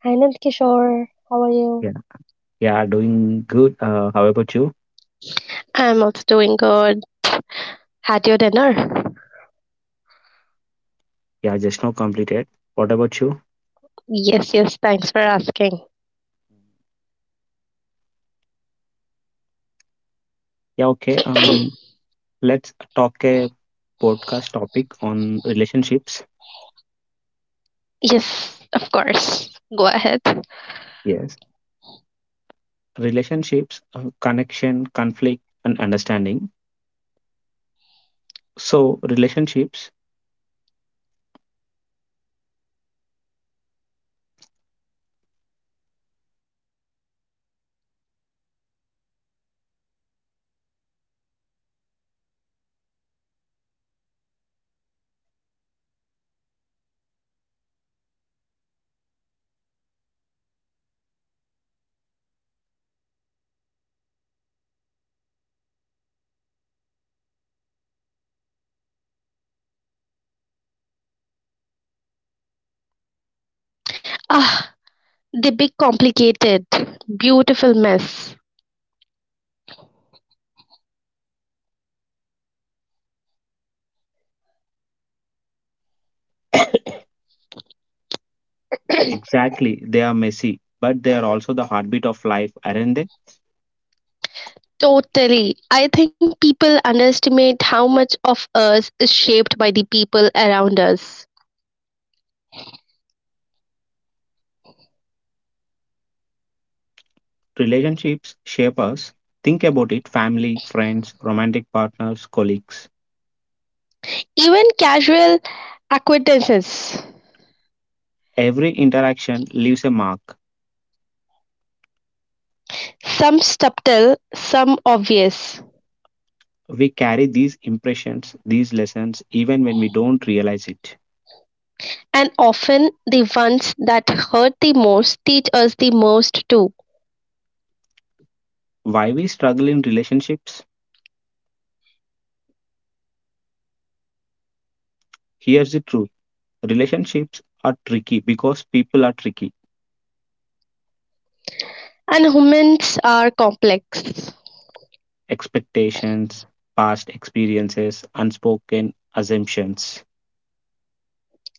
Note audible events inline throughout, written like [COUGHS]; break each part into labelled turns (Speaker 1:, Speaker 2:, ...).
Speaker 1: Hi Nandkishore, how are you?
Speaker 2: Yeah, yeah, doing good. How about you?
Speaker 1: I'm also doing good. Had your dinner?
Speaker 2: Yeah, just now completed. What about you?
Speaker 1: Yes, yes, thanks for asking.
Speaker 2: Yeah, okay. Um,
Speaker 1: [CLEARS THROAT]
Speaker 2: let's talk a podcast topic on relationships.
Speaker 1: Yes, of course. Go ahead.
Speaker 2: Yes, relationships, connection, conflict, and understanding. So, relationships,
Speaker 1: Ah, the big complicated, beautiful mess. [CLEARS THROAT]
Speaker 2: exactly, they are messy, but they are also the heartbeat of life, aren't they?
Speaker 1: Totally. I think people underestimate how much of us is shaped by the people around us.
Speaker 2: Relationships shape us. Think about it: family, friends, romantic partners, colleagues.
Speaker 1: Even casual acquaintances,
Speaker 2: Every interaction leaves a mark.
Speaker 1: some subtle, some obvious.
Speaker 2: We carry these impressions, these lessons, even when we don't realize it.
Speaker 1: And often the ones that hurt the most teach us the most too.
Speaker 2: Why we struggle in relationships? Here's the truth, relationships are tricky because people are tricky.
Speaker 1: And humans are complex.
Speaker 2: Expectations, past experiences, unspoken assumptions.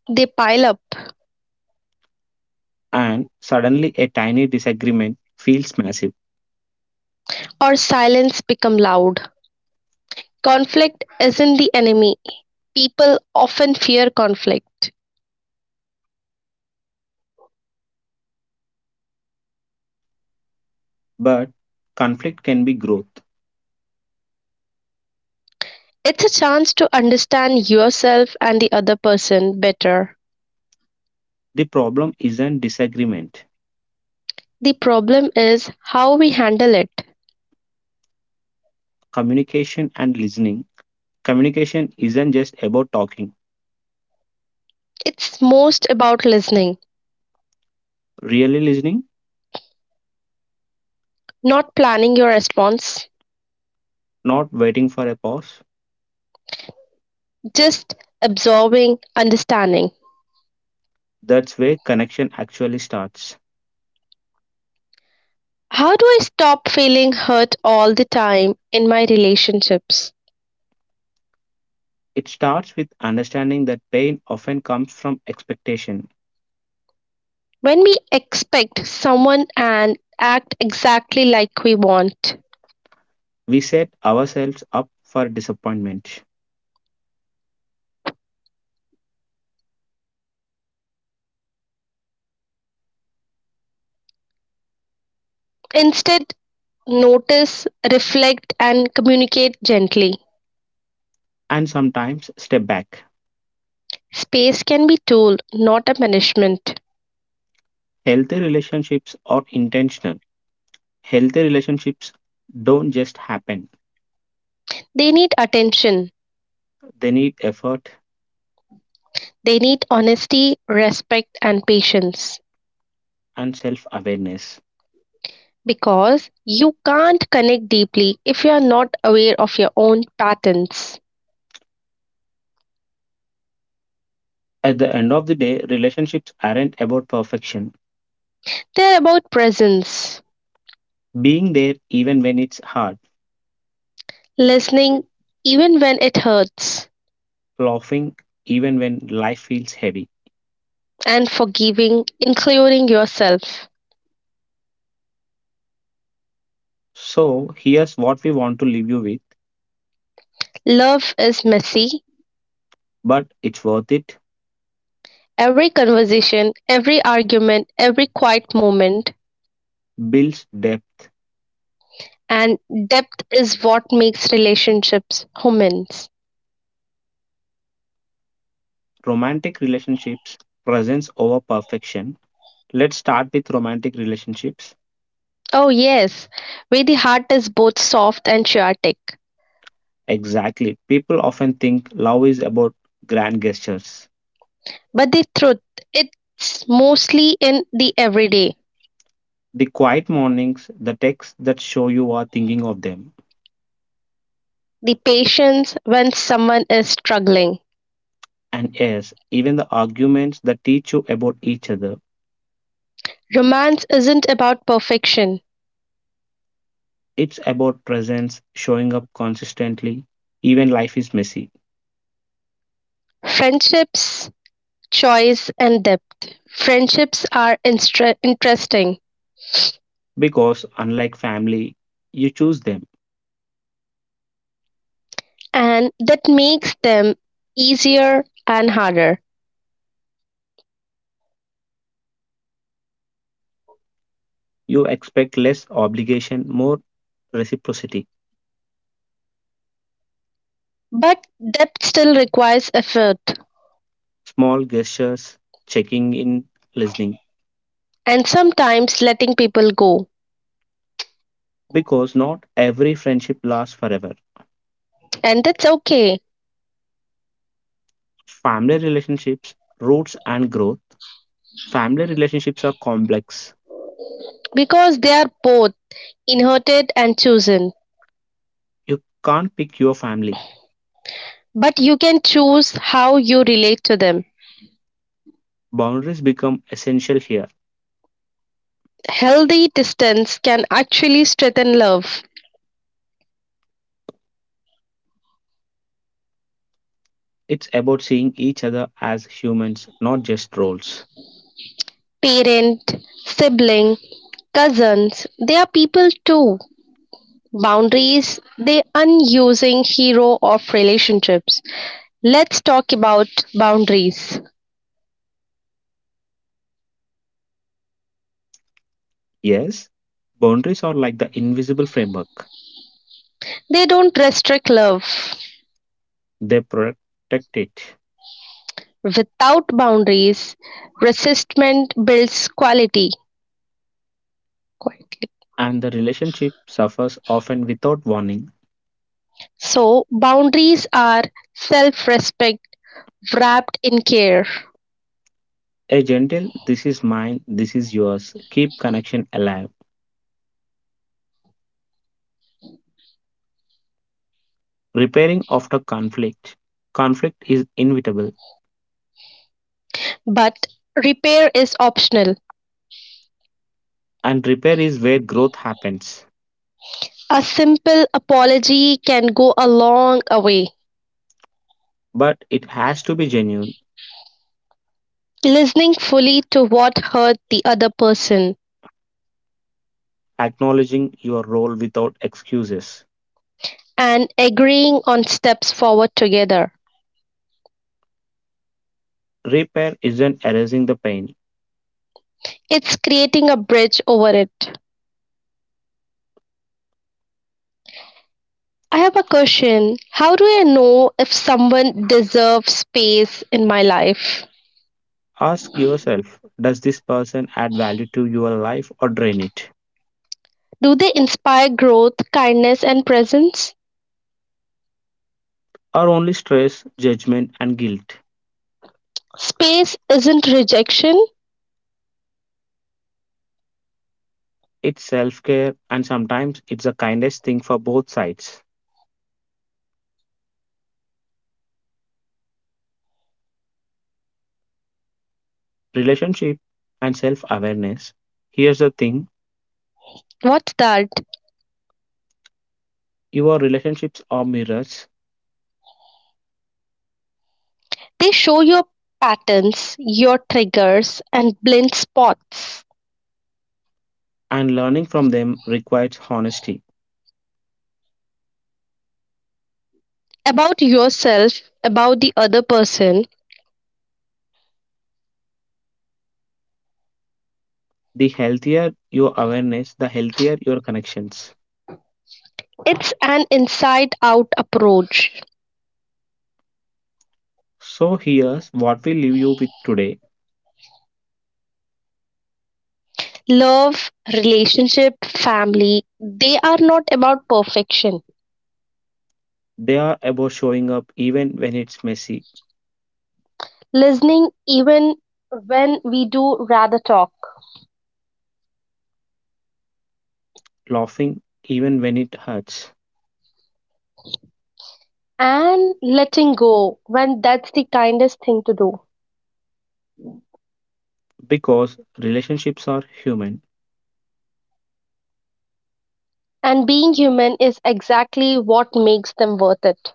Speaker 1: They pile up,
Speaker 2: And suddenly a tiny disagreement feels massive.
Speaker 1: or silence become loud. Conflict isn't the enemy. People often fear conflict.
Speaker 2: But conflict can be growth.
Speaker 1: It's a chance to understand yourself and the other person better.
Speaker 2: The problem isn't disagreement,
Speaker 1: The problem is how we handle it.
Speaker 2: communication and listening. Communication isn't just about talking.
Speaker 1: It's most about listening,
Speaker 2: Really listening,
Speaker 1: not planning your response,
Speaker 2: not waiting for a pause.
Speaker 1: just absorbing, understanding.
Speaker 2: That's where connection actually starts.
Speaker 1: How do I stop feeling hurt all the time in my relationships?
Speaker 2: It starts with understanding that pain often comes from expectation.
Speaker 1: When we expect someone and act exactly like we want.
Speaker 2: We set ourselves up for disappointment,
Speaker 1: Instead, notice, reflect, and communicate gently.
Speaker 2: and sometimes step back.
Speaker 1: Space can be tool, not a punishment.
Speaker 2: Healthy relationships are intentional. Healthy relationships don't just happen,
Speaker 1: They need attention.
Speaker 2: they need effort
Speaker 1: They need honesty, respect, and patience.
Speaker 2: and self awareness.
Speaker 1: Because you can't connect deeply if you are not aware of your own patterns.
Speaker 2: At the end of the day, relationships aren't about perfection.
Speaker 1: They're about presence.
Speaker 2: Being there even when it's hard,
Speaker 1: Listening even when it hurts,
Speaker 2: laughing even when life feels heavy.
Speaker 1: and forgiving, including yourself.
Speaker 2: So here's what we want to leave you with,
Speaker 1: Love is messy.
Speaker 2: but it's worth it.
Speaker 1: Every conversation, every argument, every quiet moment,
Speaker 2: Builds depth,
Speaker 1: and depth is what makes relationships humans.
Speaker 2: romantic relationships, presence over perfection. Let's start with romantic relationships.
Speaker 1: Oh, yes, where the heart is both soft and chaotic.
Speaker 2: Exactly. People often think love is about grand gestures.
Speaker 1: But the truth, it's mostly in the everyday,
Speaker 2: The quiet mornings, the texts that show you are thinking of them.
Speaker 1: the patience when someone is struggling.
Speaker 2: And yes, even the arguments that teach you about each other.
Speaker 1: Romance isn't about perfection.
Speaker 2: It's about presence, showing up consistently, even life is messy.
Speaker 1: Friendships choice and depth. Friendships are interesting,
Speaker 2: Because unlike family, you choose them.
Speaker 1: and that makes them easier and harder.
Speaker 2: You expect less obligation, more reciprocity,
Speaker 1: But depth still requires effort
Speaker 2: small gestures, checking in, listening.
Speaker 1: and sometimes letting people go.
Speaker 2: Because not every friendship lasts forever.
Speaker 1: And that's okay
Speaker 2: Family relationships, roots, and growth. Family relationships are complex.
Speaker 1: because they are both inherited and chosen.
Speaker 2: You can't pick your family.
Speaker 1: But you can choose how you relate to them.
Speaker 2: Boundaries become essential here.
Speaker 1: Healthy distance can actually strengthen love.
Speaker 2: It's about seeing each other as humans, not just roles.
Speaker 1: Parent, sibling, cousins, they are people too. Boundaries, the unusing hero of relationships. Let's talk about boundaries.
Speaker 2: Yes, boundaries are like the invisible framework.
Speaker 1: They don't restrict love.
Speaker 2: They protect it,
Speaker 1: Without boundaries, resistment builds quality.
Speaker 2: and the relationship suffers often without warning.
Speaker 1: So, boundaries are self respect wrapped in care.
Speaker 2: A gentle, this is mine, this is yours, keep connection alive. Repairing after conflict. Conflict is inevitable,
Speaker 1: But repair is optional.
Speaker 2: and repair is where growth happens.
Speaker 1: A simple apology can go a long way.
Speaker 2: But it has to be genuine,
Speaker 1: Listening fully to what hurt the other person
Speaker 2: acknowledging your role without excuses.
Speaker 1: and agreeing on steps forward together.
Speaker 2: Repair isn't erasing the pain.
Speaker 1: It's creating a bridge over it. I have a question. How do I know if someone deserves space in my life?
Speaker 2: Ask yourself, does this person add value to your life or drain it?
Speaker 1: Do they inspire growth, kindness, and presence?
Speaker 2: Or only stress, judgment, and guilt?
Speaker 1: Space isn't rejection.
Speaker 2: It's self care, and sometimes it's the kindest thing for both sides, relationship and self awareness. Here's the thing,
Speaker 1: What's that?
Speaker 2: your relationships are mirrors,
Speaker 1: They show your patterns, your triggers, and blind spots
Speaker 2: and learning from them requires honesty.
Speaker 1: about yourself, about the other person.
Speaker 2: The healthier your awareness, the healthier your connections.
Speaker 1: It's an inside out approach.
Speaker 2: So, here's what we leave you with today,
Speaker 1: Love, relationship, family, they are not about perfection.
Speaker 2: they are about showing up even when it's messy,
Speaker 1: Listening even when we do rather talk.
Speaker 2: laughing even when it hurts,
Speaker 1: And letting go when that's the kindest thing to do.
Speaker 2: because relationships are human.
Speaker 1: And being human is exactly what makes them worth it.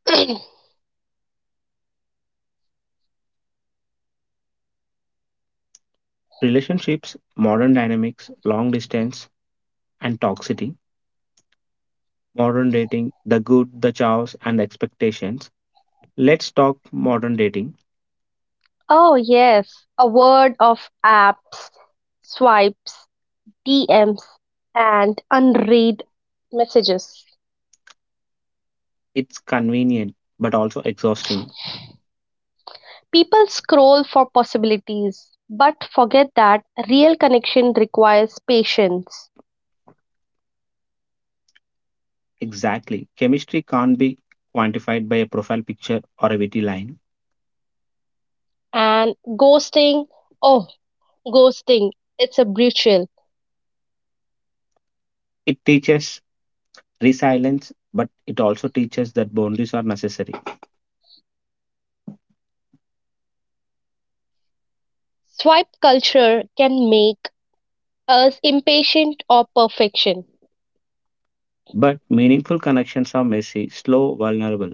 Speaker 1: [CLEARS THROAT]
Speaker 2: Relationships, modern dynamics, long distance, and toxicity, modern dating, the good, the chaos, and the expectations. Let's talk modern dating.
Speaker 1: Oh, yes, a word of apps, swipes, DMs, and unread messages.
Speaker 2: It's convenient but also exhausting.
Speaker 1: People scroll for possibilities, but forget that real connection requires patience.
Speaker 2: Exactly. Chemistry can't be quantified by a profile picture or a witty line.
Speaker 1: And ghosting, oh, ghosting, it's a brutal.
Speaker 2: It teaches resilience, but it also teaches that boundaries are necessary.
Speaker 1: Swipe culture can make us impatient of perfection.
Speaker 2: But meaningful connections are messy, slow, vulnerable,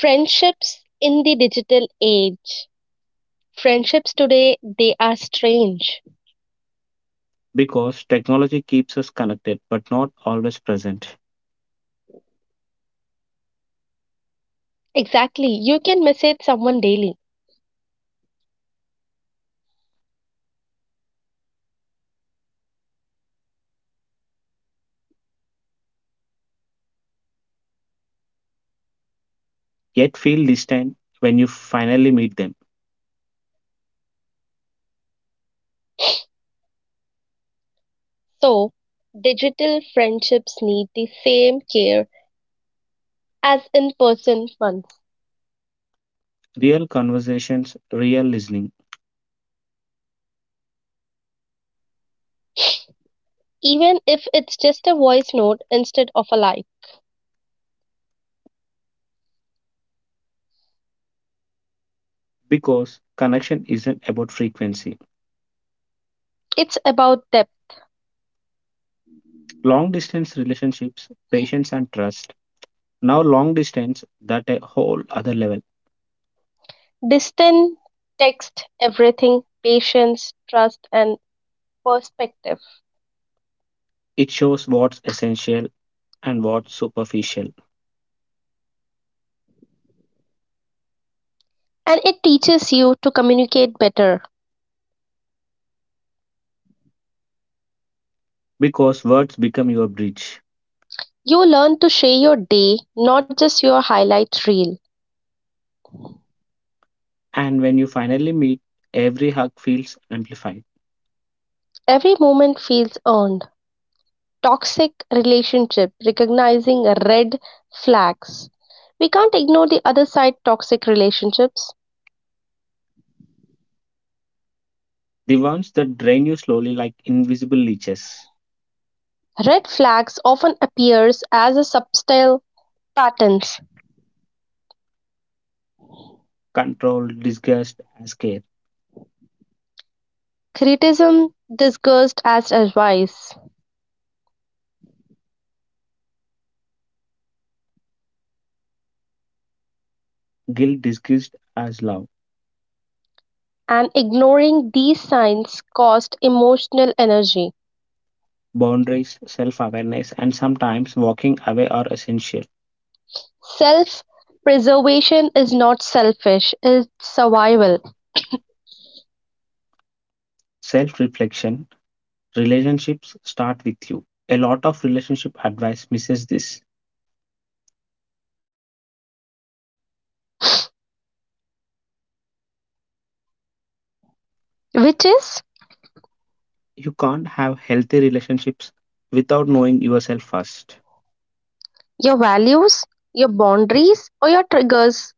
Speaker 1: Friendships in the digital age. Friendships today, they are strange.
Speaker 2: because technology keeps us connected but not always present.
Speaker 1: Exactly, you can message someone daily.
Speaker 2: Yet feel distant when you finally meet them.
Speaker 1: So, digital friendships need the same care as in person ones.
Speaker 2: Real conversations, real listening,
Speaker 1: Even if it's just a voice note instead of a life,
Speaker 2: because connection isn't about frequency.
Speaker 1: it's about depth.
Speaker 2: Long distance relationships, patience, and trust. Now, long distance that a whole other level.
Speaker 1: Distant text everything, patience, trust, and perspective.
Speaker 2: It shows what's essential and what's superficial,
Speaker 1: And it teaches you to communicate better.
Speaker 2: because words become your bridge.
Speaker 1: You learn to share your day, not just your highlight reel.
Speaker 2: And when you finally meet, every hug feels amplified.
Speaker 1: Every moment feels earned. Toxic relationship, recognizing red flags. We can't ignore the other side toxic relationships.
Speaker 2: The ones that drain you slowly like invisible leeches.
Speaker 1: Red flags often appears as a subtle patterns.
Speaker 2: Control, disgust, and scare.
Speaker 1: Criticism disguised as advice,
Speaker 2: Guilt disguised as love.
Speaker 1: and ignoring these signs cost emotional energy.
Speaker 2: Boundaries, self awareness, and sometimes walking away are essential.
Speaker 1: Self-preservation is not selfish, it's survival. [COUGHS]
Speaker 2: Self reflection, relationships start with you. A lot of relationship advice misses this.
Speaker 1: Which is
Speaker 2: You can't have healthy relationships without knowing yourself first
Speaker 1: your values, your boundaries, or your triggers.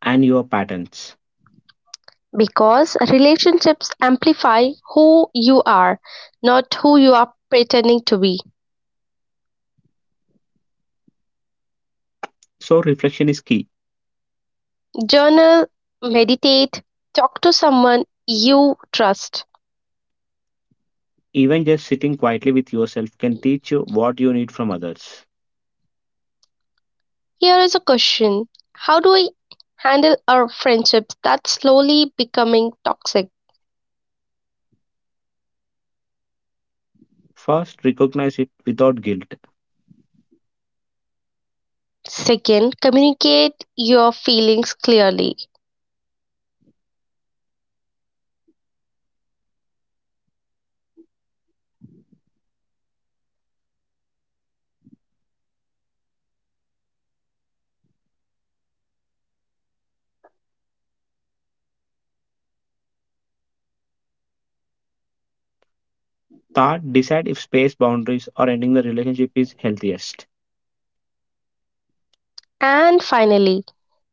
Speaker 2: and your patterns.
Speaker 1: Because relationships amplify who you are, not who you are pretending to be.
Speaker 2: So, reflection is key.
Speaker 1: Journal, meditate, talk to someone you trust.
Speaker 2: Even just sitting quietly with yourself can teach you what you need from others.
Speaker 1: Here is a question: how do we handle our friendships that's slowly becoming toxic?
Speaker 2: First, recognize it without guilt.
Speaker 1: Second, communicate your feelings clearly.
Speaker 2: Third, decide if space boundaries or ending the relationship is healthiest.
Speaker 1: And finally,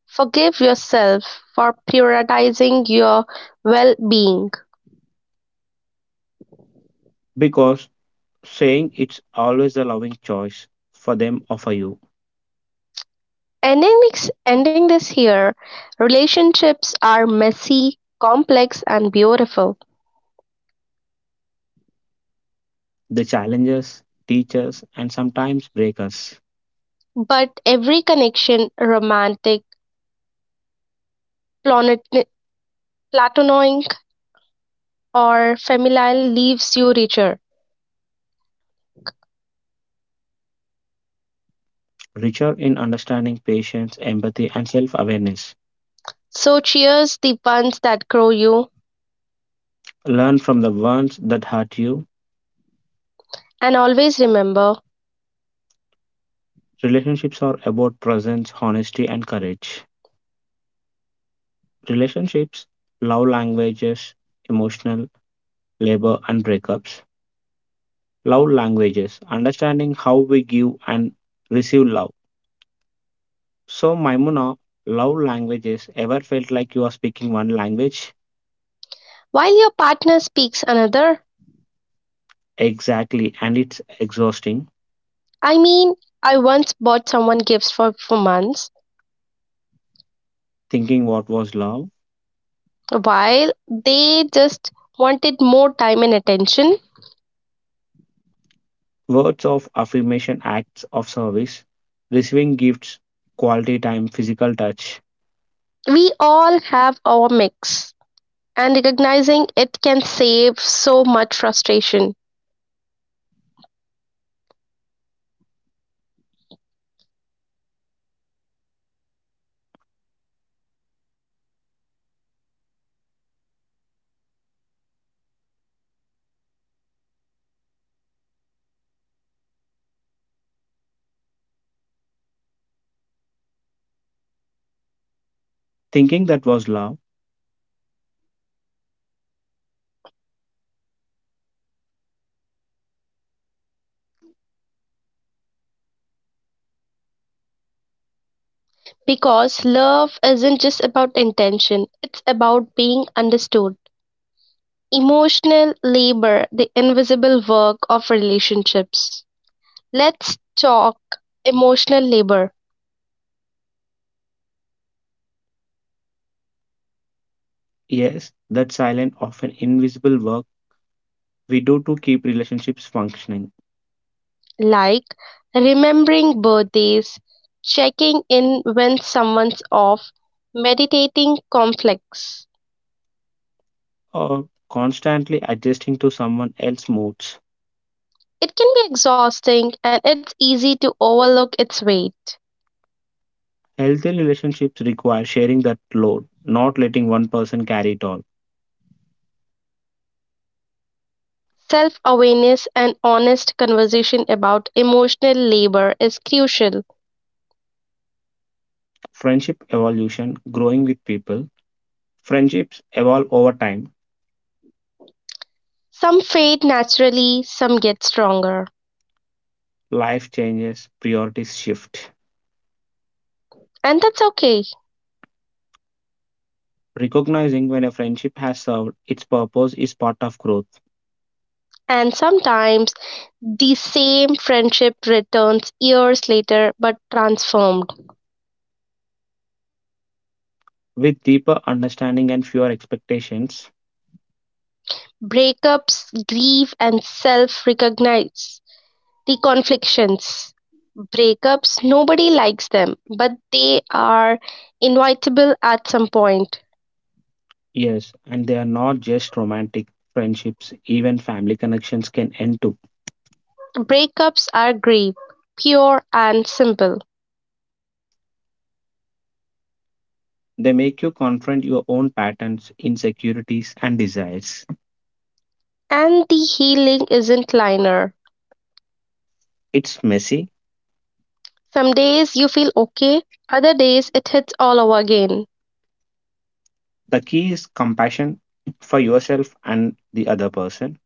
Speaker 1: forgive yourself for prioritizing your well being.
Speaker 2: Because saying it's always a loving choice for them or for you.
Speaker 1: Ending this here, relationships are messy, complex, and beautiful.
Speaker 2: They challenge us, teach us, and sometimes break us.
Speaker 1: But every connection, romantic, platonic, or familial leaves you richer.
Speaker 2: Richer in understanding patience, empathy, and self awareness.
Speaker 1: So cheers the ones that grow you,
Speaker 2: Learn from the ones that hurt you.
Speaker 1: and always remember,
Speaker 2: Relationships are about presence, honesty, and courage. Relationships, love languages, emotional, labor, and breakups. Love languages, understanding how we give and receive love. So, Maimuna, love languages ever felt like you are speaking one language?
Speaker 1: while your partner speaks another,
Speaker 2: Exactly, and it's exhausting
Speaker 1: I mean, I once bought someone gifts for months,
Speaker 2: thinking what was love.
Speaker 1: while they just wanted more time and attention.
Speaker 2: Words of affirmation, acts of service, receiving gifts, quality time, physical touch.
Speaker 1: We all have our mix, and recognizing it can save so much frustration.
Speaker 2: Thinking that was love.
Speaker 1: Because love isn't just about intention, it's about being understood. Emotional labor: the invisible work of relationships. Let's talk emotional labor,
Speaker 2: Yes, that silent, often invisible work we do to keep relationships functioning
Speaker 1: like remembering birthdays, checking in when someone's off, meditating conflicts.
Speaker 2: or constantly adjusting to someone else's moods.
Speaker 1: It can be exhausting and it's easy to overlook its weight.
Speaker 2: Healthy relationships require sharing that load, not letting one person carry it all.
Speaker 1: Self awareness and honest conversation about emotional labor is crucial.
Speaker 2: Friendship evolution, growing with people. Friendships evolve over time,
Speaker 1: Some fade naturally, some get stronger.
Speaker 2: life changes, priorities shift.
Speaker 1: And that's okay.
Speaker 2: Recognizing when a friendship has served its purpose is part of growth.
Speaker 1: And sometimes the same friendship returns years later but transformed.
Speaker 2: With deeper understanding and fewer expectations,
Speaker 1: Breakups, grief, and self recognize the conflictions. Breakups, nobody likes them, but they are inevitable at some point.
Speaker 2: yes, and they are not just romantic friendships, even family connections can end too.
Speaker 1: Breakups are grief, pure and simple,
Speaker 2: They make you confront your own patterns, insecurities, and desires.
Speaker 1: and the healing isn't linear.
Speaker 2: It's messy.
Speaker 1: Some days you feel okay, other days it hits all over again.
Speaker 2: The key is compassion for yourself and the other person.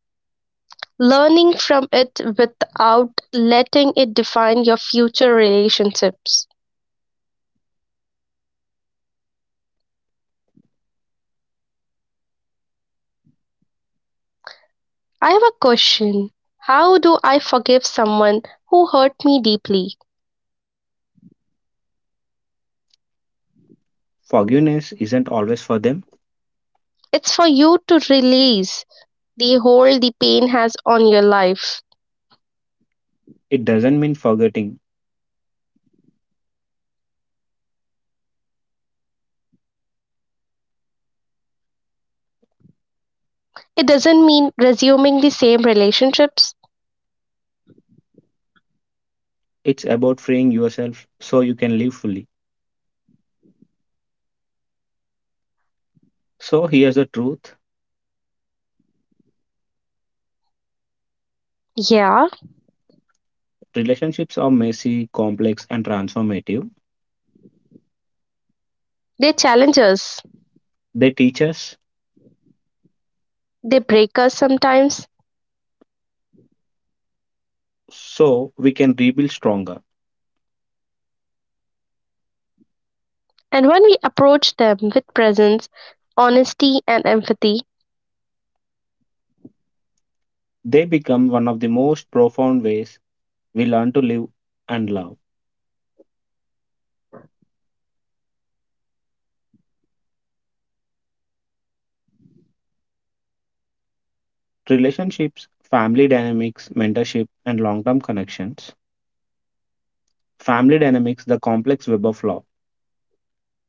Speaker 1: Learning from it without letting it define your future relationships. I have a question. How do I forgive someone who hurt me deeply?
Speaker 2: Forgiveness isn't always for them.
Speaker 1: It's for you to release the hold the pain has on your life.
Speaker 2: It doesn't mean forgetting.
Speaker 1: It doesn't mean resuming the same relationships.
Speaker 2: It's about freeing yourself so you can live fully. So here's the truth,
Speaker 1: Yeah,
Speaker 2: relationships are messy, complex, and transformative.
Speaker 1: they challenge us,
Speaker 2: They teach us
Speaker 1: they break us sometimes.
Speaker 2: so we can rebuild stronger.
Speaker 1: And when we approach them with presence, honesty, and empathy,
Speaker 2: They become one of the most profound ways we learn to live and love. Relationships, family dynamics, mentorship, and long term connections, family dynamics, the complex Weber flaw.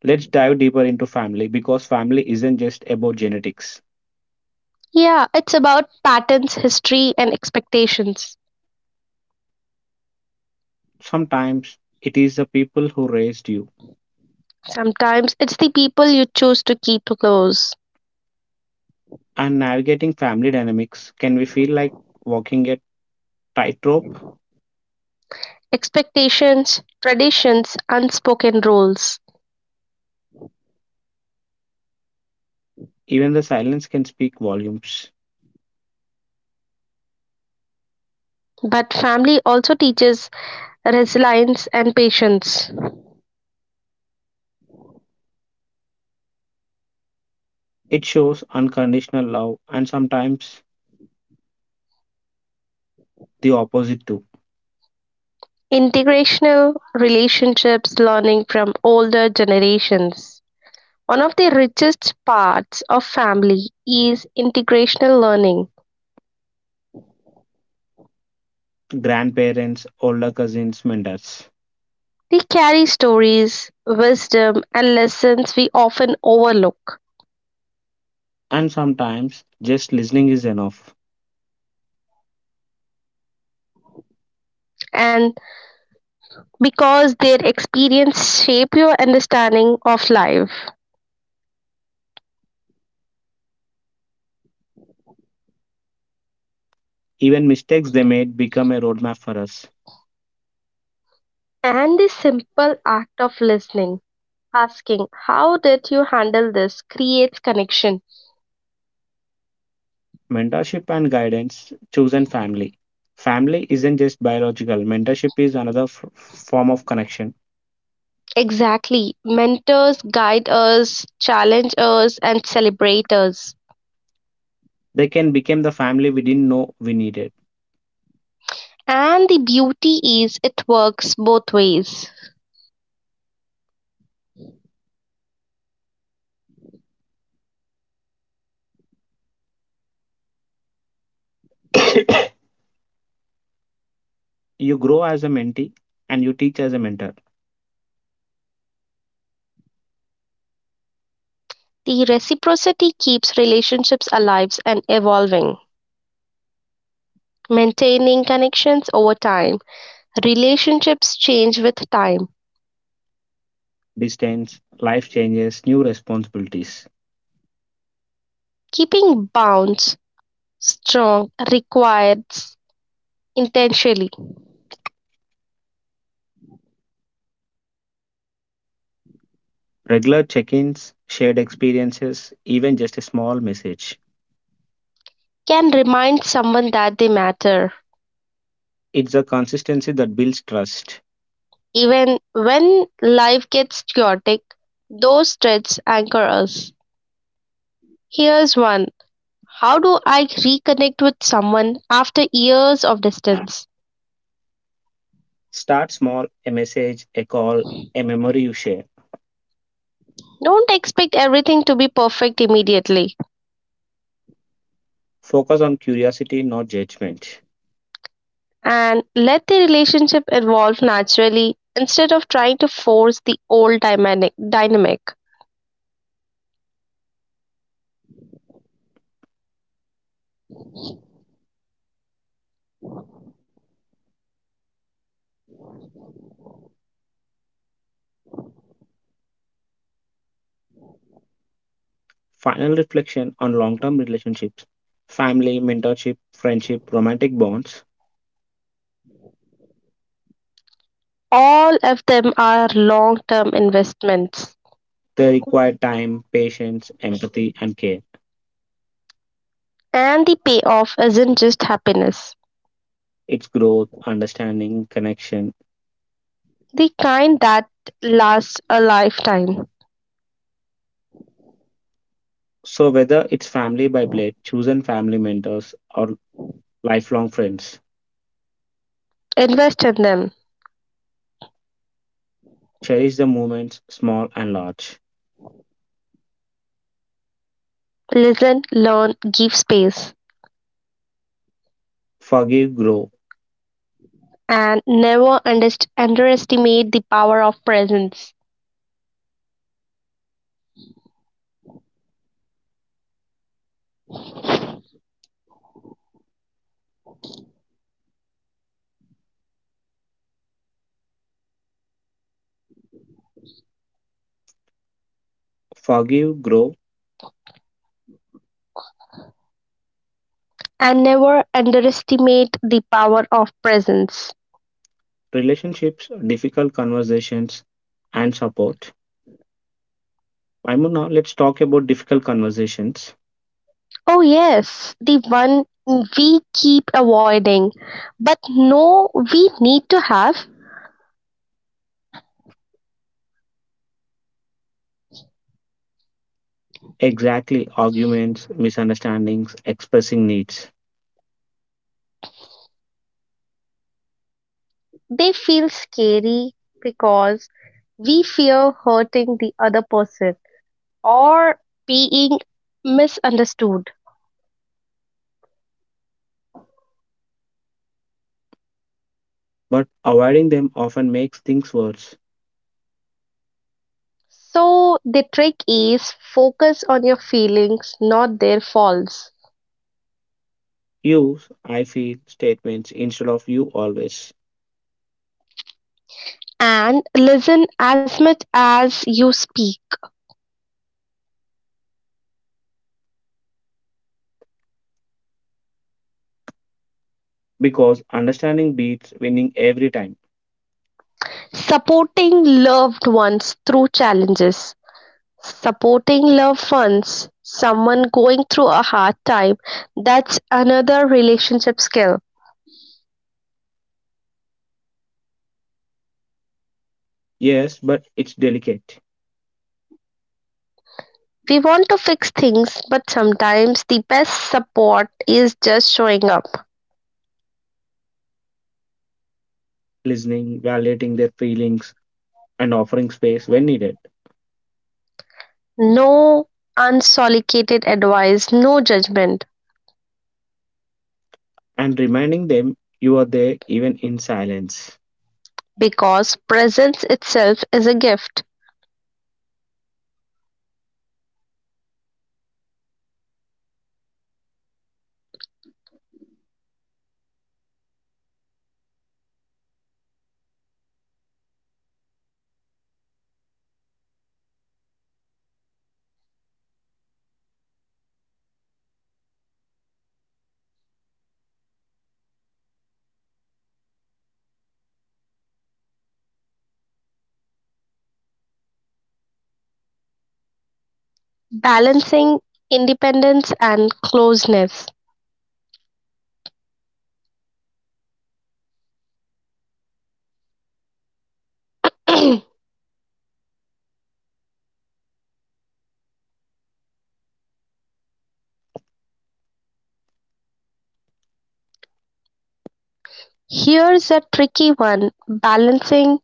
Speaker 2: Let's dive deeper into family because family isn't just about genetics.
Speaker 1: yeah, it's about patterns, history, and expectations.
Speaker 2: Sometimes it is the people who raised you,
Speaker 1: Sometimes it's the people you choose to keep close.
Speaker 2: and navigating family dynamics can we feel like walking a tightrope.
Speaker 1: Expectations, traditions, unspoken rules.
Speaker 2: Even the silence can speak volumes.
Speaker 1: But family also teaches resilience and patience.
Speaker 2: It shows unconditional love and sometimes the opposite too.
Speaker 1: Integrational relationships learning from older generations. One of the richest parts of family is integrational learning.
Speaker 2: Grandparents, older cousins, mentors.
Speaker 1: They carry stories, wisdom, and lessons we often overlook.
Speaker 2: And sometimes just listening is enough.
Speaker 1: And because their experience shape your understanding of life.
Speaker 2: Even mistakes they made become a roadmap for us.
Speaker 1: And the simple act of listening, asking, "How did you handle this?" creates connection.
Speaker 2: Mentorship and guidance, chosen family. Family isn't just biological, mentorship is another form of connection.
Speaker 1: Exactly. Mentors guide us, challenge us, and celebrate us.
Speaker 2: They can become the family we didn't know we needed.
Speaker 1: And the beauty is it works both ways.
Speaker 2: [COUGHS] You grow as a mentee and you teach as a mentor.
Speaker 1: The reciprocity keeps relationships alive and evolving, maintaining connections over time. Relationships change with time.
Speaker 2: Distance, life changes, new responsibilities,
Speaker 1: Keeping bonds strong requires intentionally
Speaker 2: regular check ins, shared experiences, even just a small message.
Speaker 1: can remind someone that they matter.
Speaker 2: It's a consistency that builds trust.
Speaker 1: Even when life gets chaotic, those threads anchor us. Here's one: how do I reconnect with someone after years of distance?
Speaker 2: Start small, a message, a call, a memory you share.
Speaker 1: Don't expect everything to be perfect immediately
Speaker 2: Focus on curiosity, not judgment.
Speaker 1: and let the relationship evolve naturally instead of trying to force the old dynamic.
Speaker 2: Final reflection on long term relationships, family, mentorship, friendship, romantic bonds.
Speaker 1: All of them are long term investments,
Speaker 2: They require time, patience, empathy, and care.
Speaker 1: and the payoff isn't just happiness,
Speaker 2: It's growth, understanding, connection.
Speaker 1: the kind that lasts a lifetime.
Speaker 2: So, whether it's family by blood, chosen family mentors, or lifelong friends,
Speaker 1: Invest in them.
Speaker 2: cherish the moments, small and large.
Speaker 1: Listen, learn, give space.
Speaker 2: Forgive, grow.
Speaker 1: And never underestimate the power of presence.
Speaker 2: Forgive, grow.
Speaker 1: And never underestimate the power of presence.
Speaker 2: Relationships, difficult conversations, and support. Maimuna, let's talk about difficult conversations.
Speaker 1: Oh, yes, the one we keep avoiding, but no, we need to have.
Speaker 2: Exactly, arguments, misunderstandings, expressing needs.
Speaker 1: They feel scary because we fear hurting the other person or being misunderstood.
Speaker 2: But avoiding them often makes things worse.
Speaker 1: So the trick is focus on your feelings, not their faults,
Speaker 2: Use I feel statements instead of you always.
Speaker 1: and listen as much as you speak.
Speaker 2: Because understanding beats winning every time.
Speaker 1: Supporting loved ones through challenges. Supporting loved ones, someone going through a hard time, that's another relationship skill.
Speaker 2: Yes, but it's delicate.
Speaker 1: We want to fix things, but sometimes the best support is just showing up.
Speaker 2: Listening, validating their feelings, and offering space when needed.
Speaker 1: No unsolicited advice, no judgment.
Speaker 2: And reminding them you are there even in silence.
Speaker 1: Because presence itself is a gift. Balancing independence and closeness. Here's a tricky one balancing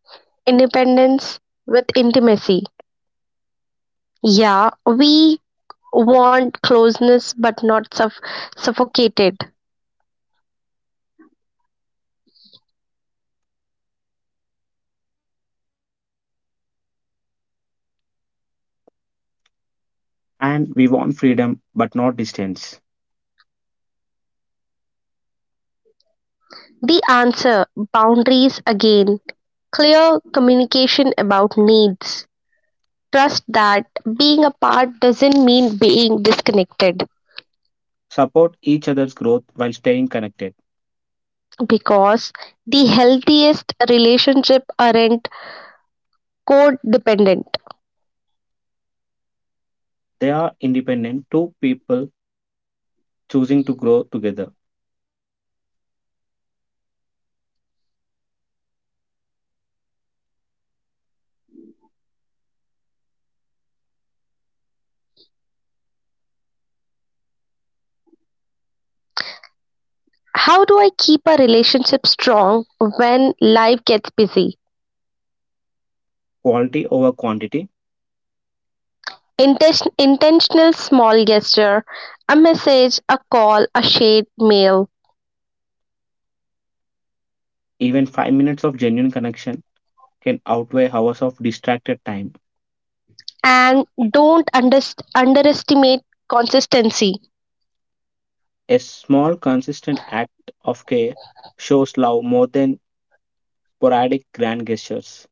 Speaker 1: independence with intimacy. Yeah, we want closeness but not suffocated?
Speaker 2: And we want freedom but not distance.
Speaker 1: The answer boundaries again. Clear communication about needs. Trust that being apart doesn't mean being disconnected
Speaker 2: Support each other's growth while staying connected.
Speaker 1: because the healthiest relationship aren't codependent.
Speaker 2: They are independent two people choosing to grow together.
Speaker 1: How do I keep a relationship strong when life gets busy?
Speaker 2: Quality over quantity,
Speaker 1: Intentional small gesture, a message, a call, a shared meal.
Speaker 2: even 5 minutes of genuine connection can outweigh hours of distracted time.
Speaker 1: And don't underst underestimate consistency.
Speaker 2: A small, consistent act of care shows love more than sporadic grand gestures.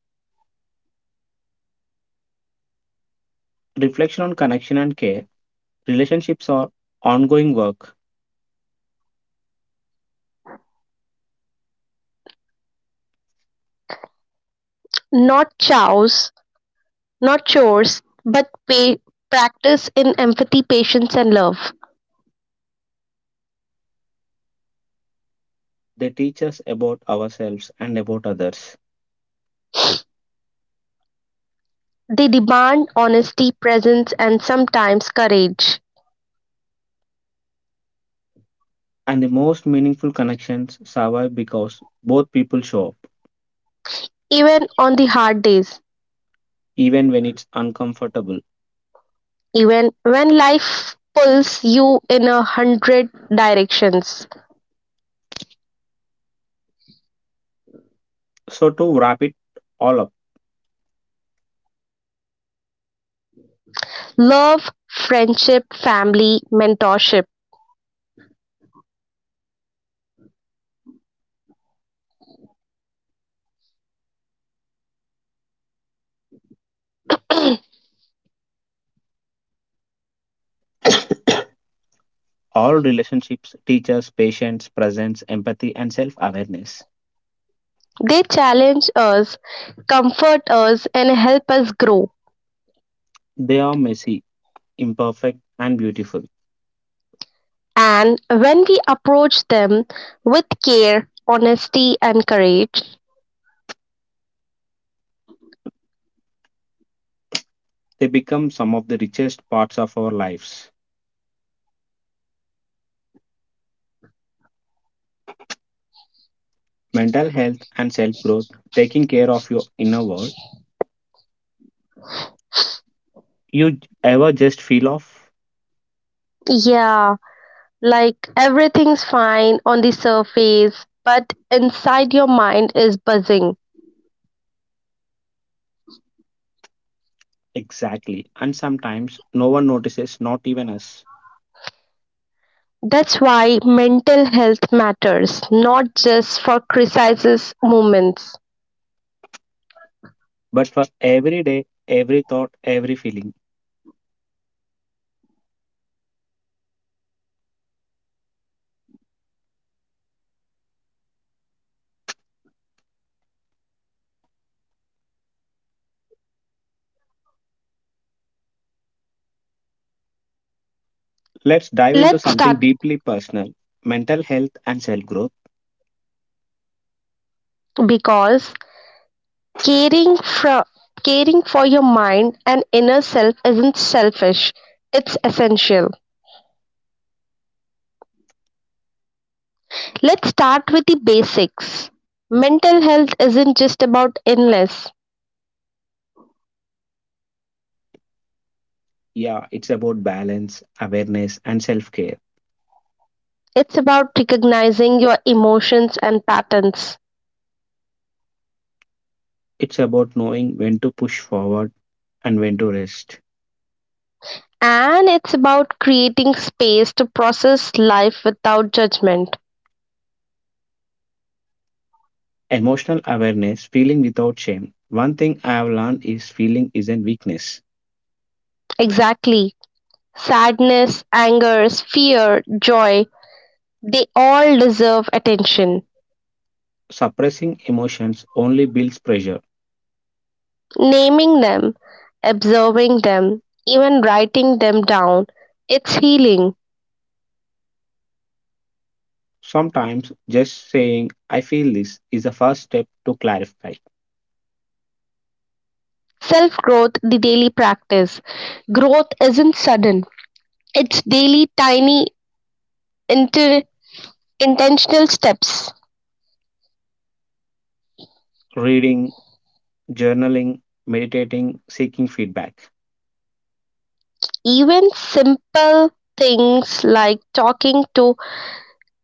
Speaker 2: Reflection on connection and care. Relationships are ongoing work,
Speaker 1: Not chows, not chores, but pay practice in empathy, patience, and love.
Speaker 2: they teach us about ourselves and about others.
Speaker 1: They demand honesty, presence, and sometimes courage,
Speaker 2: And the most meaningful connections survive because both people show up,
Speaker 1: even on the hard days,
Speaker 2: even when it's uncomfortable.
Speaker 1: even when life pulls you in a hundred directions.
Speaker 2: So, to wrap it all up,
Speaker 1: Love, friendship, family, mentorship.
Speaker 2: all relationships teach us patience, presence, empathy, and self awareness.
Speaker 1: They challenge us, comfort us, and help us grow.
Speaker 2: They are messy, imperfect, and beautiful.
Speaker 1: And when we approach them with care, honesty, and courage,
Speaker 2: They become some of the richest parts of our lives. Mental health and self growth, taking care of your inner world. You ever just feel off?
Speaker 1: yeah, like everything's fine on the surface, but inside your mind is buzzing.
Speaker 2: Exactly. And sometimes no one notices, not even us.
Speaker 1: That's why mental health matters, not just for crisis moments.
Speaker 2: But for every day, every thought, every feeling, let's dive into
Speaker 1: Let's
Speaker 2: something
Speaker 1: start
Speaker 2: deeply personal, mental health and self growth.
Speaker 1: because Caring for caring for your mind and inner self isn't selfish, it's essential. Let's start with the basics. Mental health isn't just about illness,
Speaker 2: Yeah, it's about balance, awareness, and self care.
Speaker 1: it's about recognizing your emotions and patterns.
Speaker 2: It's about knowing when to push forward and when to rest.
Speaker 1: And it's about creating space to process life without judgment.
Speaker 2: Emotional awareness, feeling without shame. One thing I have learned is feeling isn't weakness.
Speaker 1: Exactly. Sadness, anger, fear, joy, they all deserve attention.
Speaker 2: Suppressing emotions only builds pressure.
Speaker 1: Naming them, observing them, even writing them down, it's healing.
Speaker 2: Sometimes just saying, I feel this, is the first step to clarify.
Speaker 1: Self growth, the daily practice. Growth isn't sudden, it's daily, tiny, inter- intentional steps.
Speaker 2: Reading, journaling, meditating, seeking feedback.
Speaker 1: Even simple things like talking to,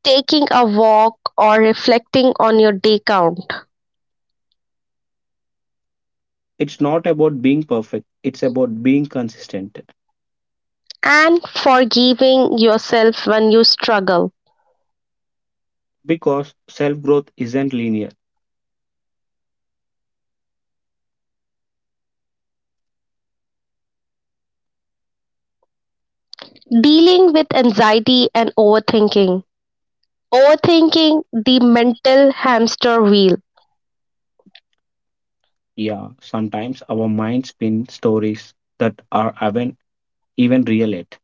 Speaker 1: taking a walk, or reflecting on your day count,
Speaker 2: It's not about being perfect, it's about being consistent
Speaker 1: and forgiving yourself when you struggle.
Speaker 2: because self growth isn't linear.
Speaker 1: Dealing with anxiety and overthinking. Overthinking, the mental hamster wheel.
Speaker 2: Yeah, sometimes our minds spin stories that are even real yet.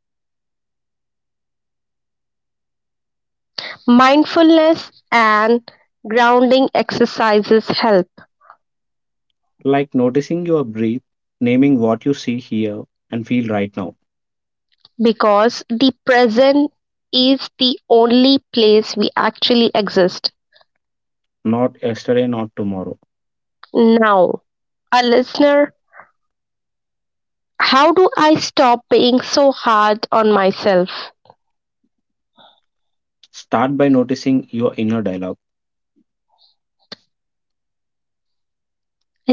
Speaker 1: Mindfulness and grounding exercises help
Speaker 2: Like noticing your breath, naming what you see, hear, and feel right now,
Speaker 1: because the present is the only place we actually exist.
Speaker 2: not yesterday, not tomorrow.
Speaker 1: Now, a listener, how do I stop being so hard on myself?
Speaker 2: Start by noticing your inner dialogue.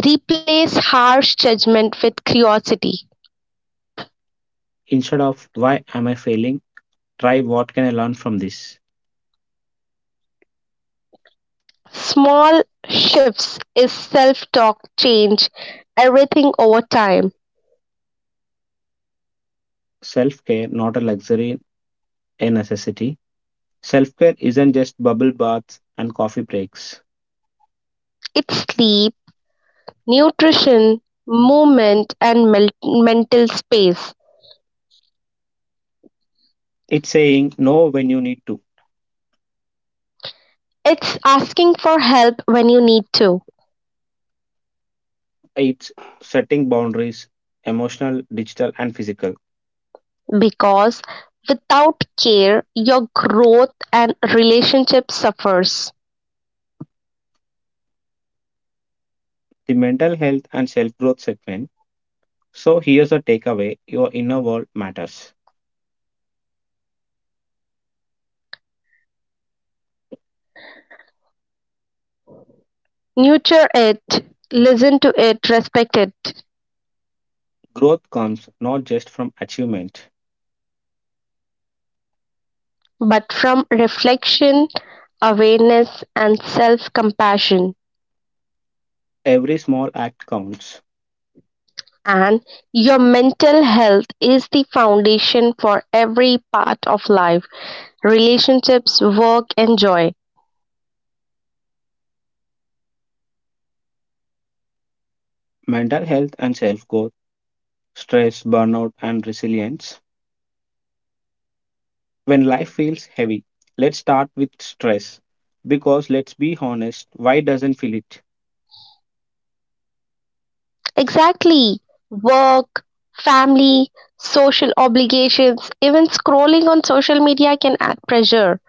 Speaker 1: Replace harsh judgment with curiosity.
Speaker 2: Instead of why am I failing, try what can I learn from this.
Speaker 1: Small shifts is self talk change everything over time.
Speaker 2: Self care, not a luxury, a necessity. Self care isn't just bubble baths and coffee breaks.
Speaker 1: It's sleep nutrition, movement and mental space.
Speaker 2: It's saying no when you need to,
Speaker 1: It's asking for help when you need to
Speaker 2: it's setting boundaries, emotional, digital, and physical.
Speaker 1: because without care your growth and relationship suffers.
Speaker 2: The mental health and self growth segment. So, here's the takeaway, your inner world matters.
Speaker 1: Nurture it, listen to it, respect it,
Speaker 2: Growth comes not just from achievement,
Speaker 1: but from reflection, awareness and self-compassion,
Speaker 2: every small act counts.
Speaker 1: and your mental health is the foundation for every part of life, relationships, work and joy.
Speaker 2: Mental health and self growth, stress, burnout, and resilience. When life feels heavy, let's start with stress. Because let's be honest, why doesn't feel it?
Speaker 1: Exactly. Work, family, social obligations, even scrolling on social media can add pressure.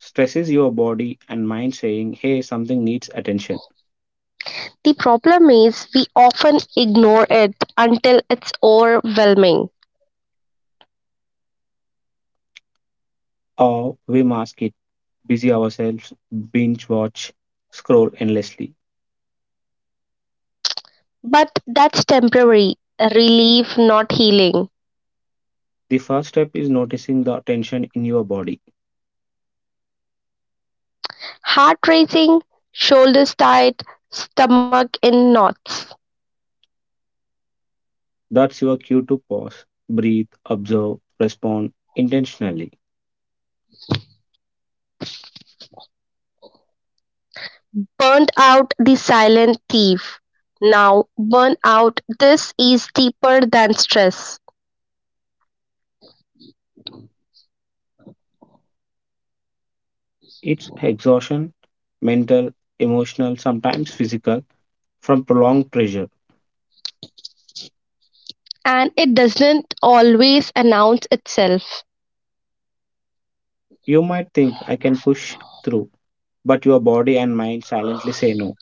Speaker 2: Stress is your body and mind saying, hey, something needs attention,
Speaker 1: The problem is we often ignore it until it's overwhelming.
Speaker 2: or we mask it, busy ourselves, binge watch, scroll endlessly.
Speaker 1: But that's temporary relief, not healing.
Speaker 2: The first step is noticing the tension in your body.
Speaker 1: Heart racing, shoulders tight, stomach in knots.
Speaker 2: That's your cue to pause, breathe, observe, respond intentionally.
Speaker 1: Burned out, the silent thief. Now, burn out. This is deeper than stress.
Speaker 2: It's exhaustion, mental, emotional, sometimes physical, from prolonged pressure.
Speaker 1: And it doesn't always announce itself.
Speaker 2: You might think, I can push through, but your body and mind silently say no.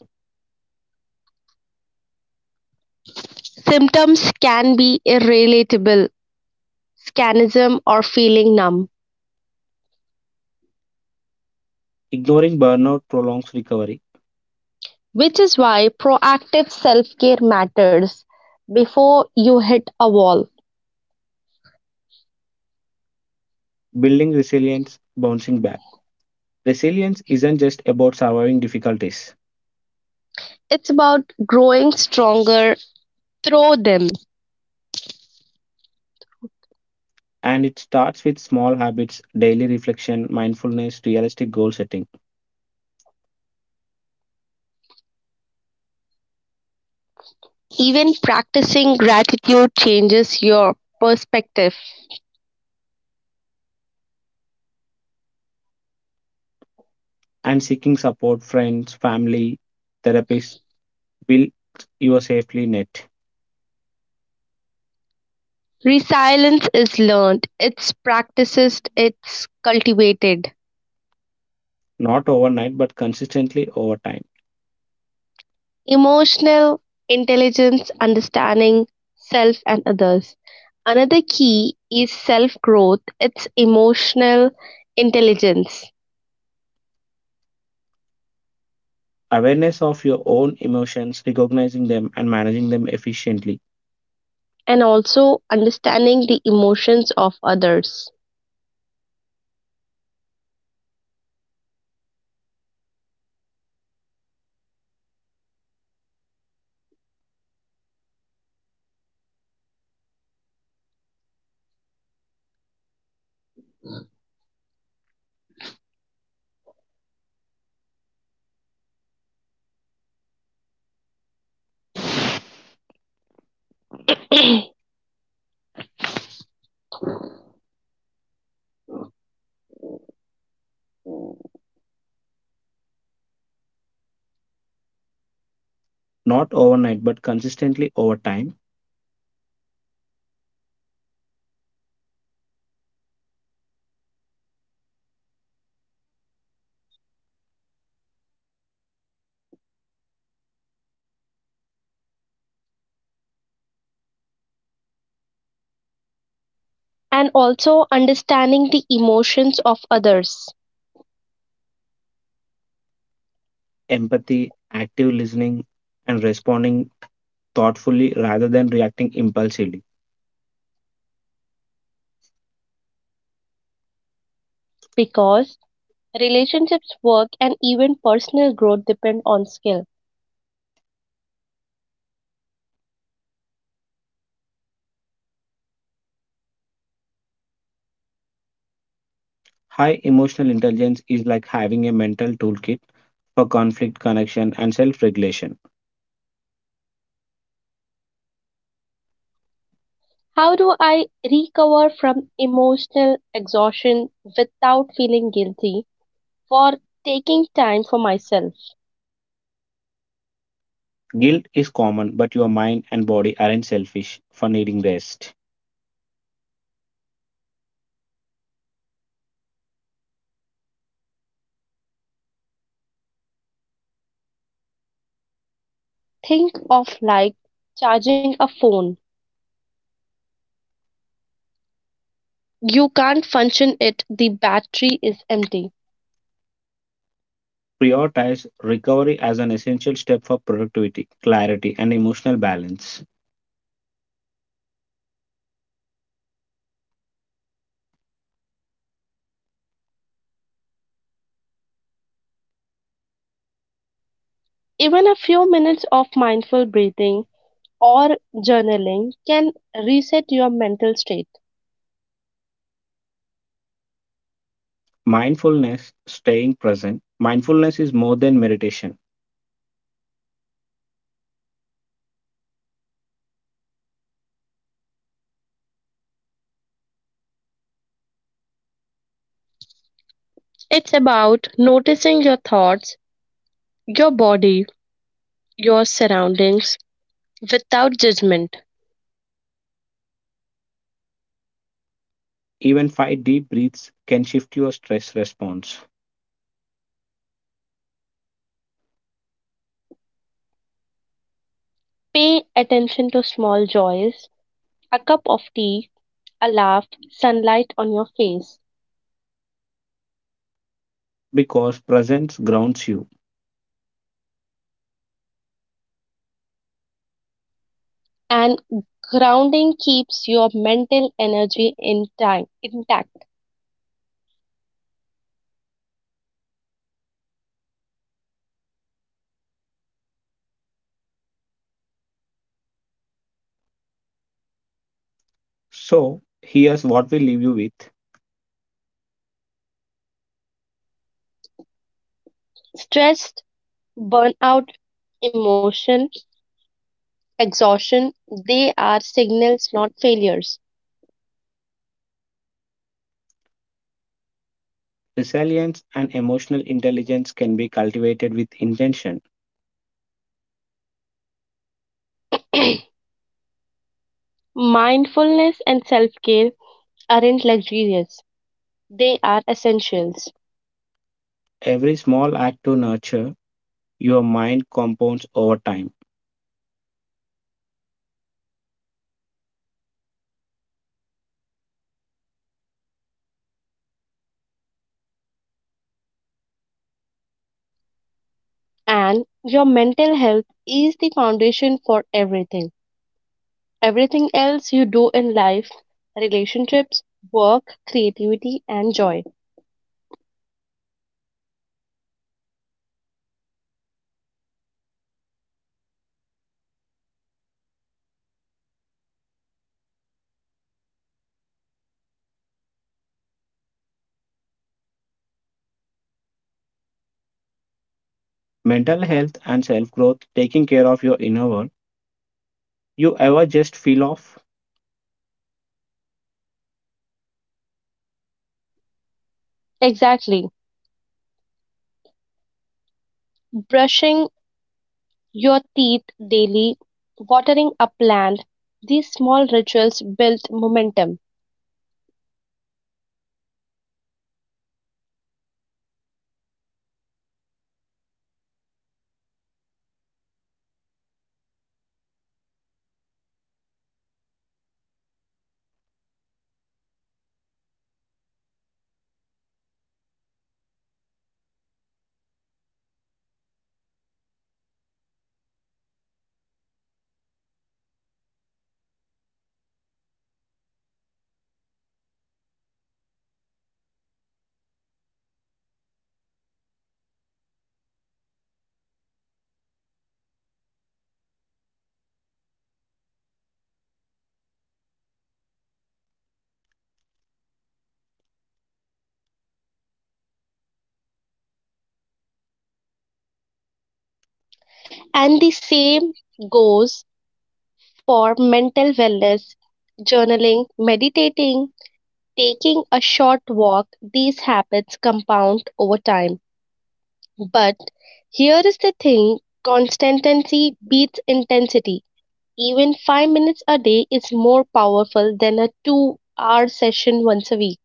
Speaker 1: Symptoms can be irrelatable, scanism, or feeling numb,
Speaker 2: Ignoring burnout prolongs recovery,
Speaker 1: which is why proactive self care matters before you hit a wall.
Speaker 2: building resilience, bouncing back. Resilience isn't just about surviving difficulties.
Speaker 1: It's about growing stronger through them.
Speaker 2: And it starts with small habits, daily reflection, mindfulness, realistic goal setting,
Speaker 1: Even practicing gratitude changes your perspective.
Speaker 2: and seeking support, friends, family, therapists. Build your safely net,
Speaker 1: Resilience is learned, it's practiced, it's cultivated.
Speaker 2: not overnight, but consistently over time.
Speaker 1: Emotional intelligence, understanding self and others. Another key is self growth, it's emotional intelligence,
Speaker 2: Awareness of your own emotions, recognizing them, and managing them efficiently,
Speaker 1: and also understanding the emotions of others.
Speaker 2: not overnight, but consistently over time.
Speaker 1: And also understanding the emotions of others,
Speaker 2: Empathy, active listening, and responding thoughtfully rather than reacting impulsively.
Speaker 1: because relationships, work, and even personal growth depend on skill.
Speaker 2: High emotional intelligence is like having a mental toolkit for conflict, connection, and self regulation.
Speaker 1: How do I recover from emotional exhaustion without feeling guilty for taking time for myself?
Speaker 2: Guilt is common, but your mind and body aren't selfish for needing rest.
Speaker 1: Think of like charging a phone. You can't function it, the battery is empty.
Speaker 2: Prioritize recovery as an essential step for productivity, clarity, and emotional balance.
Speaker 1: Even a few minutes of mindful breathing or journaling can reset your mental state.
Speaker 2: Mindfulness, staying present. Mindfulness is more than meditation.
Speaker 1: It's about noticing your thoughts, your body, your surroundings without judgment.
Speaker 2: Even five deep breaths can shift your stress response,
Speaker 1: Pay attention to small joys, a cup of tea, a laugh, sunlight on your face,
Speaker 2: because presence grounds you.
Speaker 1: and grounding keeps your mental energy in time, intact.
Speaker 2: So, here's what we leave you with:
Speaker 1: Stress, burnout, emotion, exhaustion, they are signals, not failures.
Speaker 2: resilience and emotional intelligence can be cultivated with intention.
Speaker 1: [CLEARS THROAT] Mindfulness and self care aren't luxurious, they are essentials.
Speaker 2: Every small act to nurture your mind compounds over time.
Speaker 1: And your mental health is the foundation for everything. Everything else you do in life, relationships, work, creativity, and joy.
Speaker 2: Mental health and self growth, taking care of your inner world. You ever just feel off?
Speaker 1: Exactly. Brushing your teeth daily, watering a plant, these small rituals build momentum. And the same goes for mental wellness, journaling, meditating, taking a short walk. These habits compound over time. But here is the thing, consistency beats intensity. Even 5 minutes a day is more powerful than a 2 hour session once a week.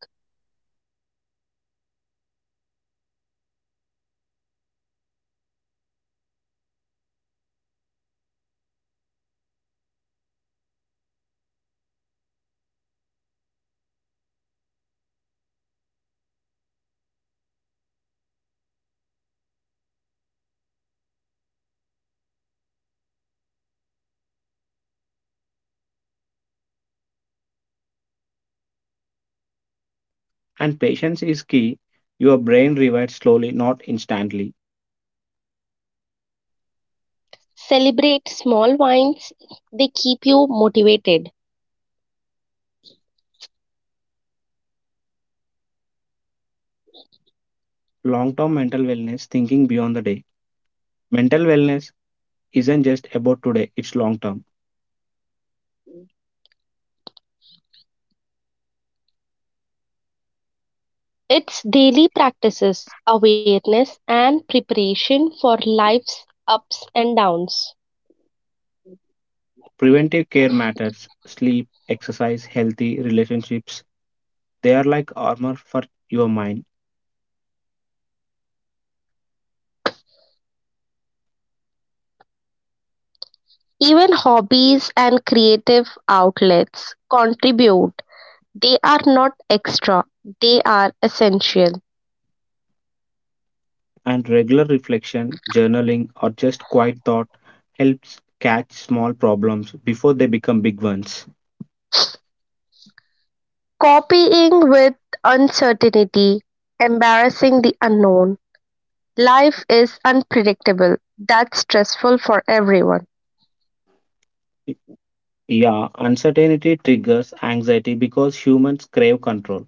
Speaker 2: And patience is key. Your brain revives slowly, not instantly.
Speaker 1: Celebrate small wins, they keep you motivated.
Speaker 2: Long term mental wellness, thinking beyond the day. Mental wellness isn't just about today, it's long term.
Speaker 1: It's daily practices, awareness, and preparation for life's ups and downs.
Speaker 2: Preventive care matters: sleep, exercise, healthy relationships. They are like armor for your mind,
Speaker 1: Even hobbies and creative outlets contribute. They are not extra, they are essential.
Speaker 2: and regular reflection, journaling, or just quiet thought helps catch small problems before they become big ones.
Speaker 1: Copying with uncertainty, embarrassing the unknown. Life is unpredictable. That's stressful for everyone.
Speaker 2: Y- Yeah, uncertainty triggers anxiety because humans crave control.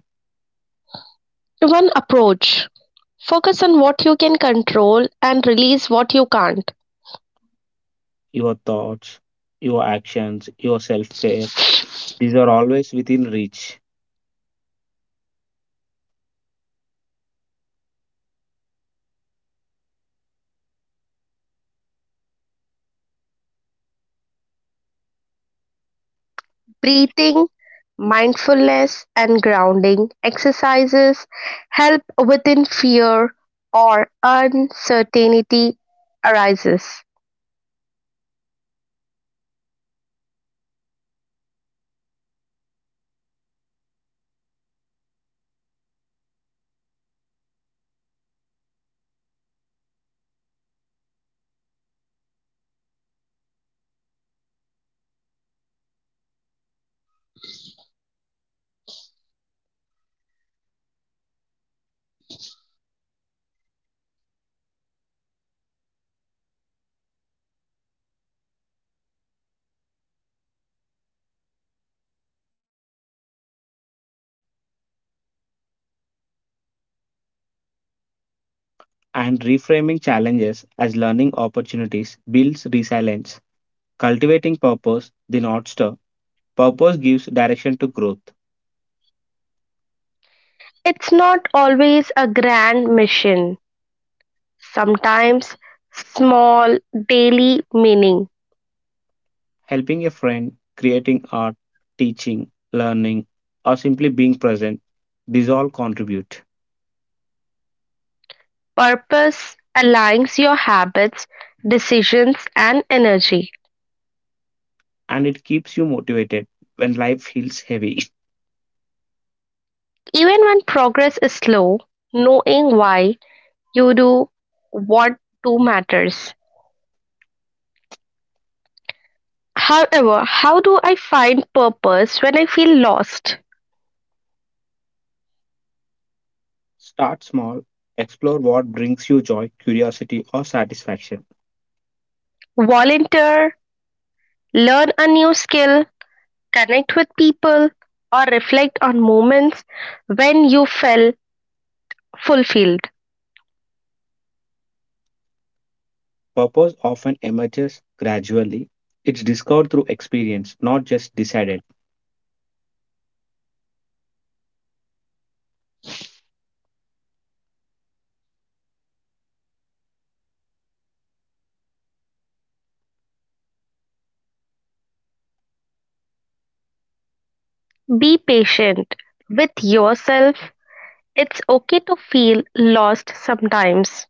Speaker 1: One approach, focus on what you can control and release what you can't.
Speaker 2: Your thoughts, your actions, your self care, these are always within reach.
Speaker 1: Breathing, mindfulness, and grounding exercises help within fear or uncertainty arises.
Speaker 2: And reframing challenges as learning opportunities builds resilience. Cultivating purpose, the North Star, purpose gives direction to growth.
Speaker 1: It's not always a grand mission, sometimes small daily meaning.
Speaker 2: Helping a friend, creating art, teaching, learning, or simply being present, these all contribute.
Speaker 1: Purpose aligns your habits, decisions, and energy.
Speaker 2: And it keeps you motivated when life feels heavy.
Speaker 1: Even when progress is slow, knowing why you do what do matters. However, how do I find purpose when I feel lost?
Speaker 2: Start small, explore what brings you joy, curiosity, or satisfaction.
Speaker 1: Volunteer, learn a new skill, connect with people, or reflect on moments when you felt fulfilled.
Speaker 2: Purpose often emerges gradually. It's discovered through experience, not just decided.
Speaker 1: Be patient with yourself. It's okay to feel lost sometimes.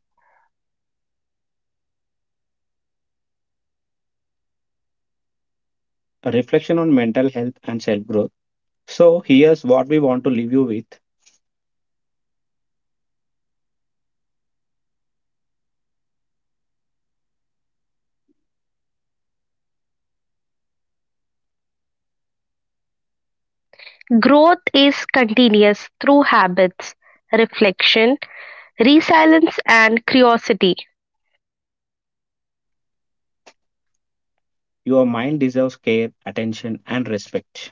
Speaker 2: A reflection on mental health and self growth. So, here's what we want to leave you with:
Speaker 1: Growth is continuous through habits, reflection, resilience, and curiosity.
Speaker 2: your mind deserves care, attention, and respect.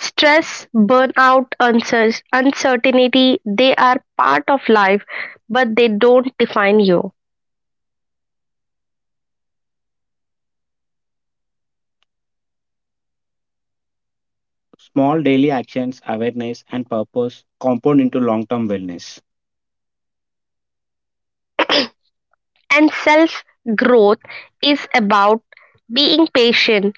Speaker 1: Stress, burnout, uncertainty, they are part of life, but they don't define you.
Speaker 2: Small daily actions, awareness, and purpose compound into long term wellness,
Speaker 1: And self growth is about being patient,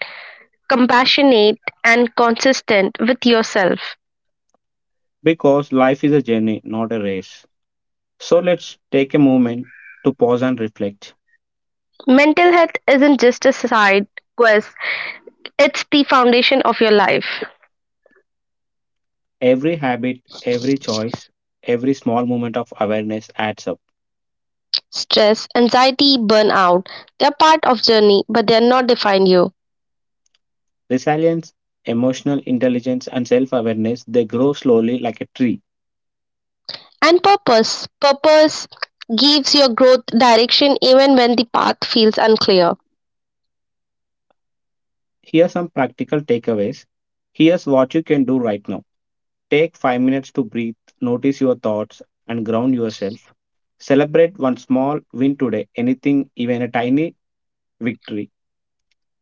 Speaker 1: compassionate, and consistent with yourself.
Speaker 2: because life is a journey, not a race. So let's take a moment to pause and reflect.
Speaker 1: Mental health isn't just a side quest, it's the foundation of your life.
Speaker 2: Every habit, every choice, every small moment of awareness adds up.
Speaker 1: Stress, anxiety, burnout, they are part of journey, but they are not define you.
Speaker 2: Resilience, emotional intelligence, and self awareness, they grow slowly like a tree.
Speaker 1: And purpose. Purpose gives your growth direction even when the path feels unclear.
Speaker 2: Here are some practical takeaways. Here's what you can do right now. Take 5 minutes to breathe, notice your thoughts, and ground yourself. Celebrate one small win today, anything, even a tiny victory.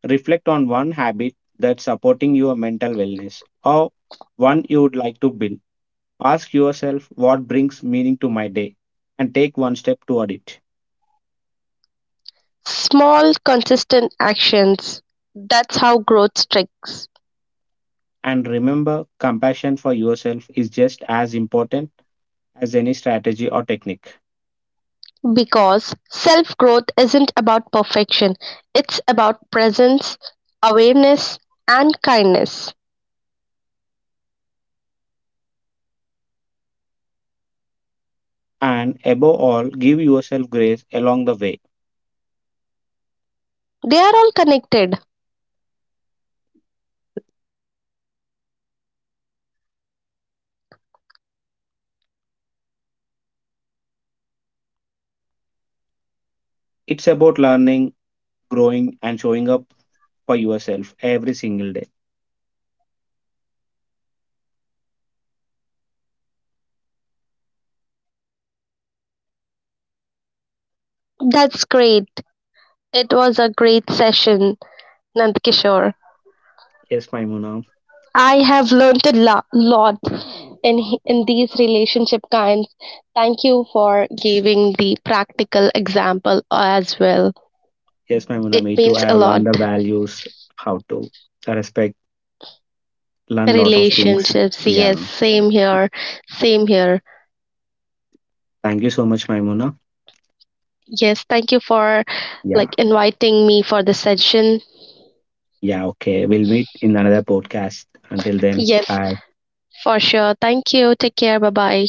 Speaker 2: Reflect on one habit that's supporting your mental wellness, or one you would like to build. Ask yourself, what brings meaning to my day, and take one step toward it.
Speaker 1: Small, consistent actions. That's how growth sticks.
Speaker 2: And remember, compassion for yourself is just as important as any strategy or technique.
Speaker 1: Because self growth isn't about perfection, it's about presence, awareness, and kindness.
Speaker 2: And above all, give yourself grace along the way.
Speaker 1: They are all connected.
Speaker 2: It's about learning, growing, and showing up for yourself every single day.
Speaker 1: That's great. It was a great session, Nandkishore.
Speaker 2: Yes, Maimuna.
Speaker 1: I have learned a lot in in these relationship kinds. Thank you for giving the practical example as well.
Speaker 2: Yes, Maimuna,
Speaker 1: It
Speaker 2: me too.
Speaker 1: means
Speaker 2: I
Speaker 1: a
Speaker 2: have learned
Speaker 1: lot.
Speaker 2: the values, how to respect, learn lot of things.
Speaker 1: Relationships, yes,
Speaker 2: Yeah.
Speaker 1: same here, same here.
Speaker 2: Thank you so much, Maimuna.
Speaker 1: Yes, thank you for
Speaker 2: Yeah.
Speaker 1: like inviting me for the session.
Speaker 2: Yeah. Okay. We'll meet in another podcast. Until then,
Speaker 1: Yes,
Speaker 2: bye.
Speaker 1: for sure. Thank you. Take care. Bye bye.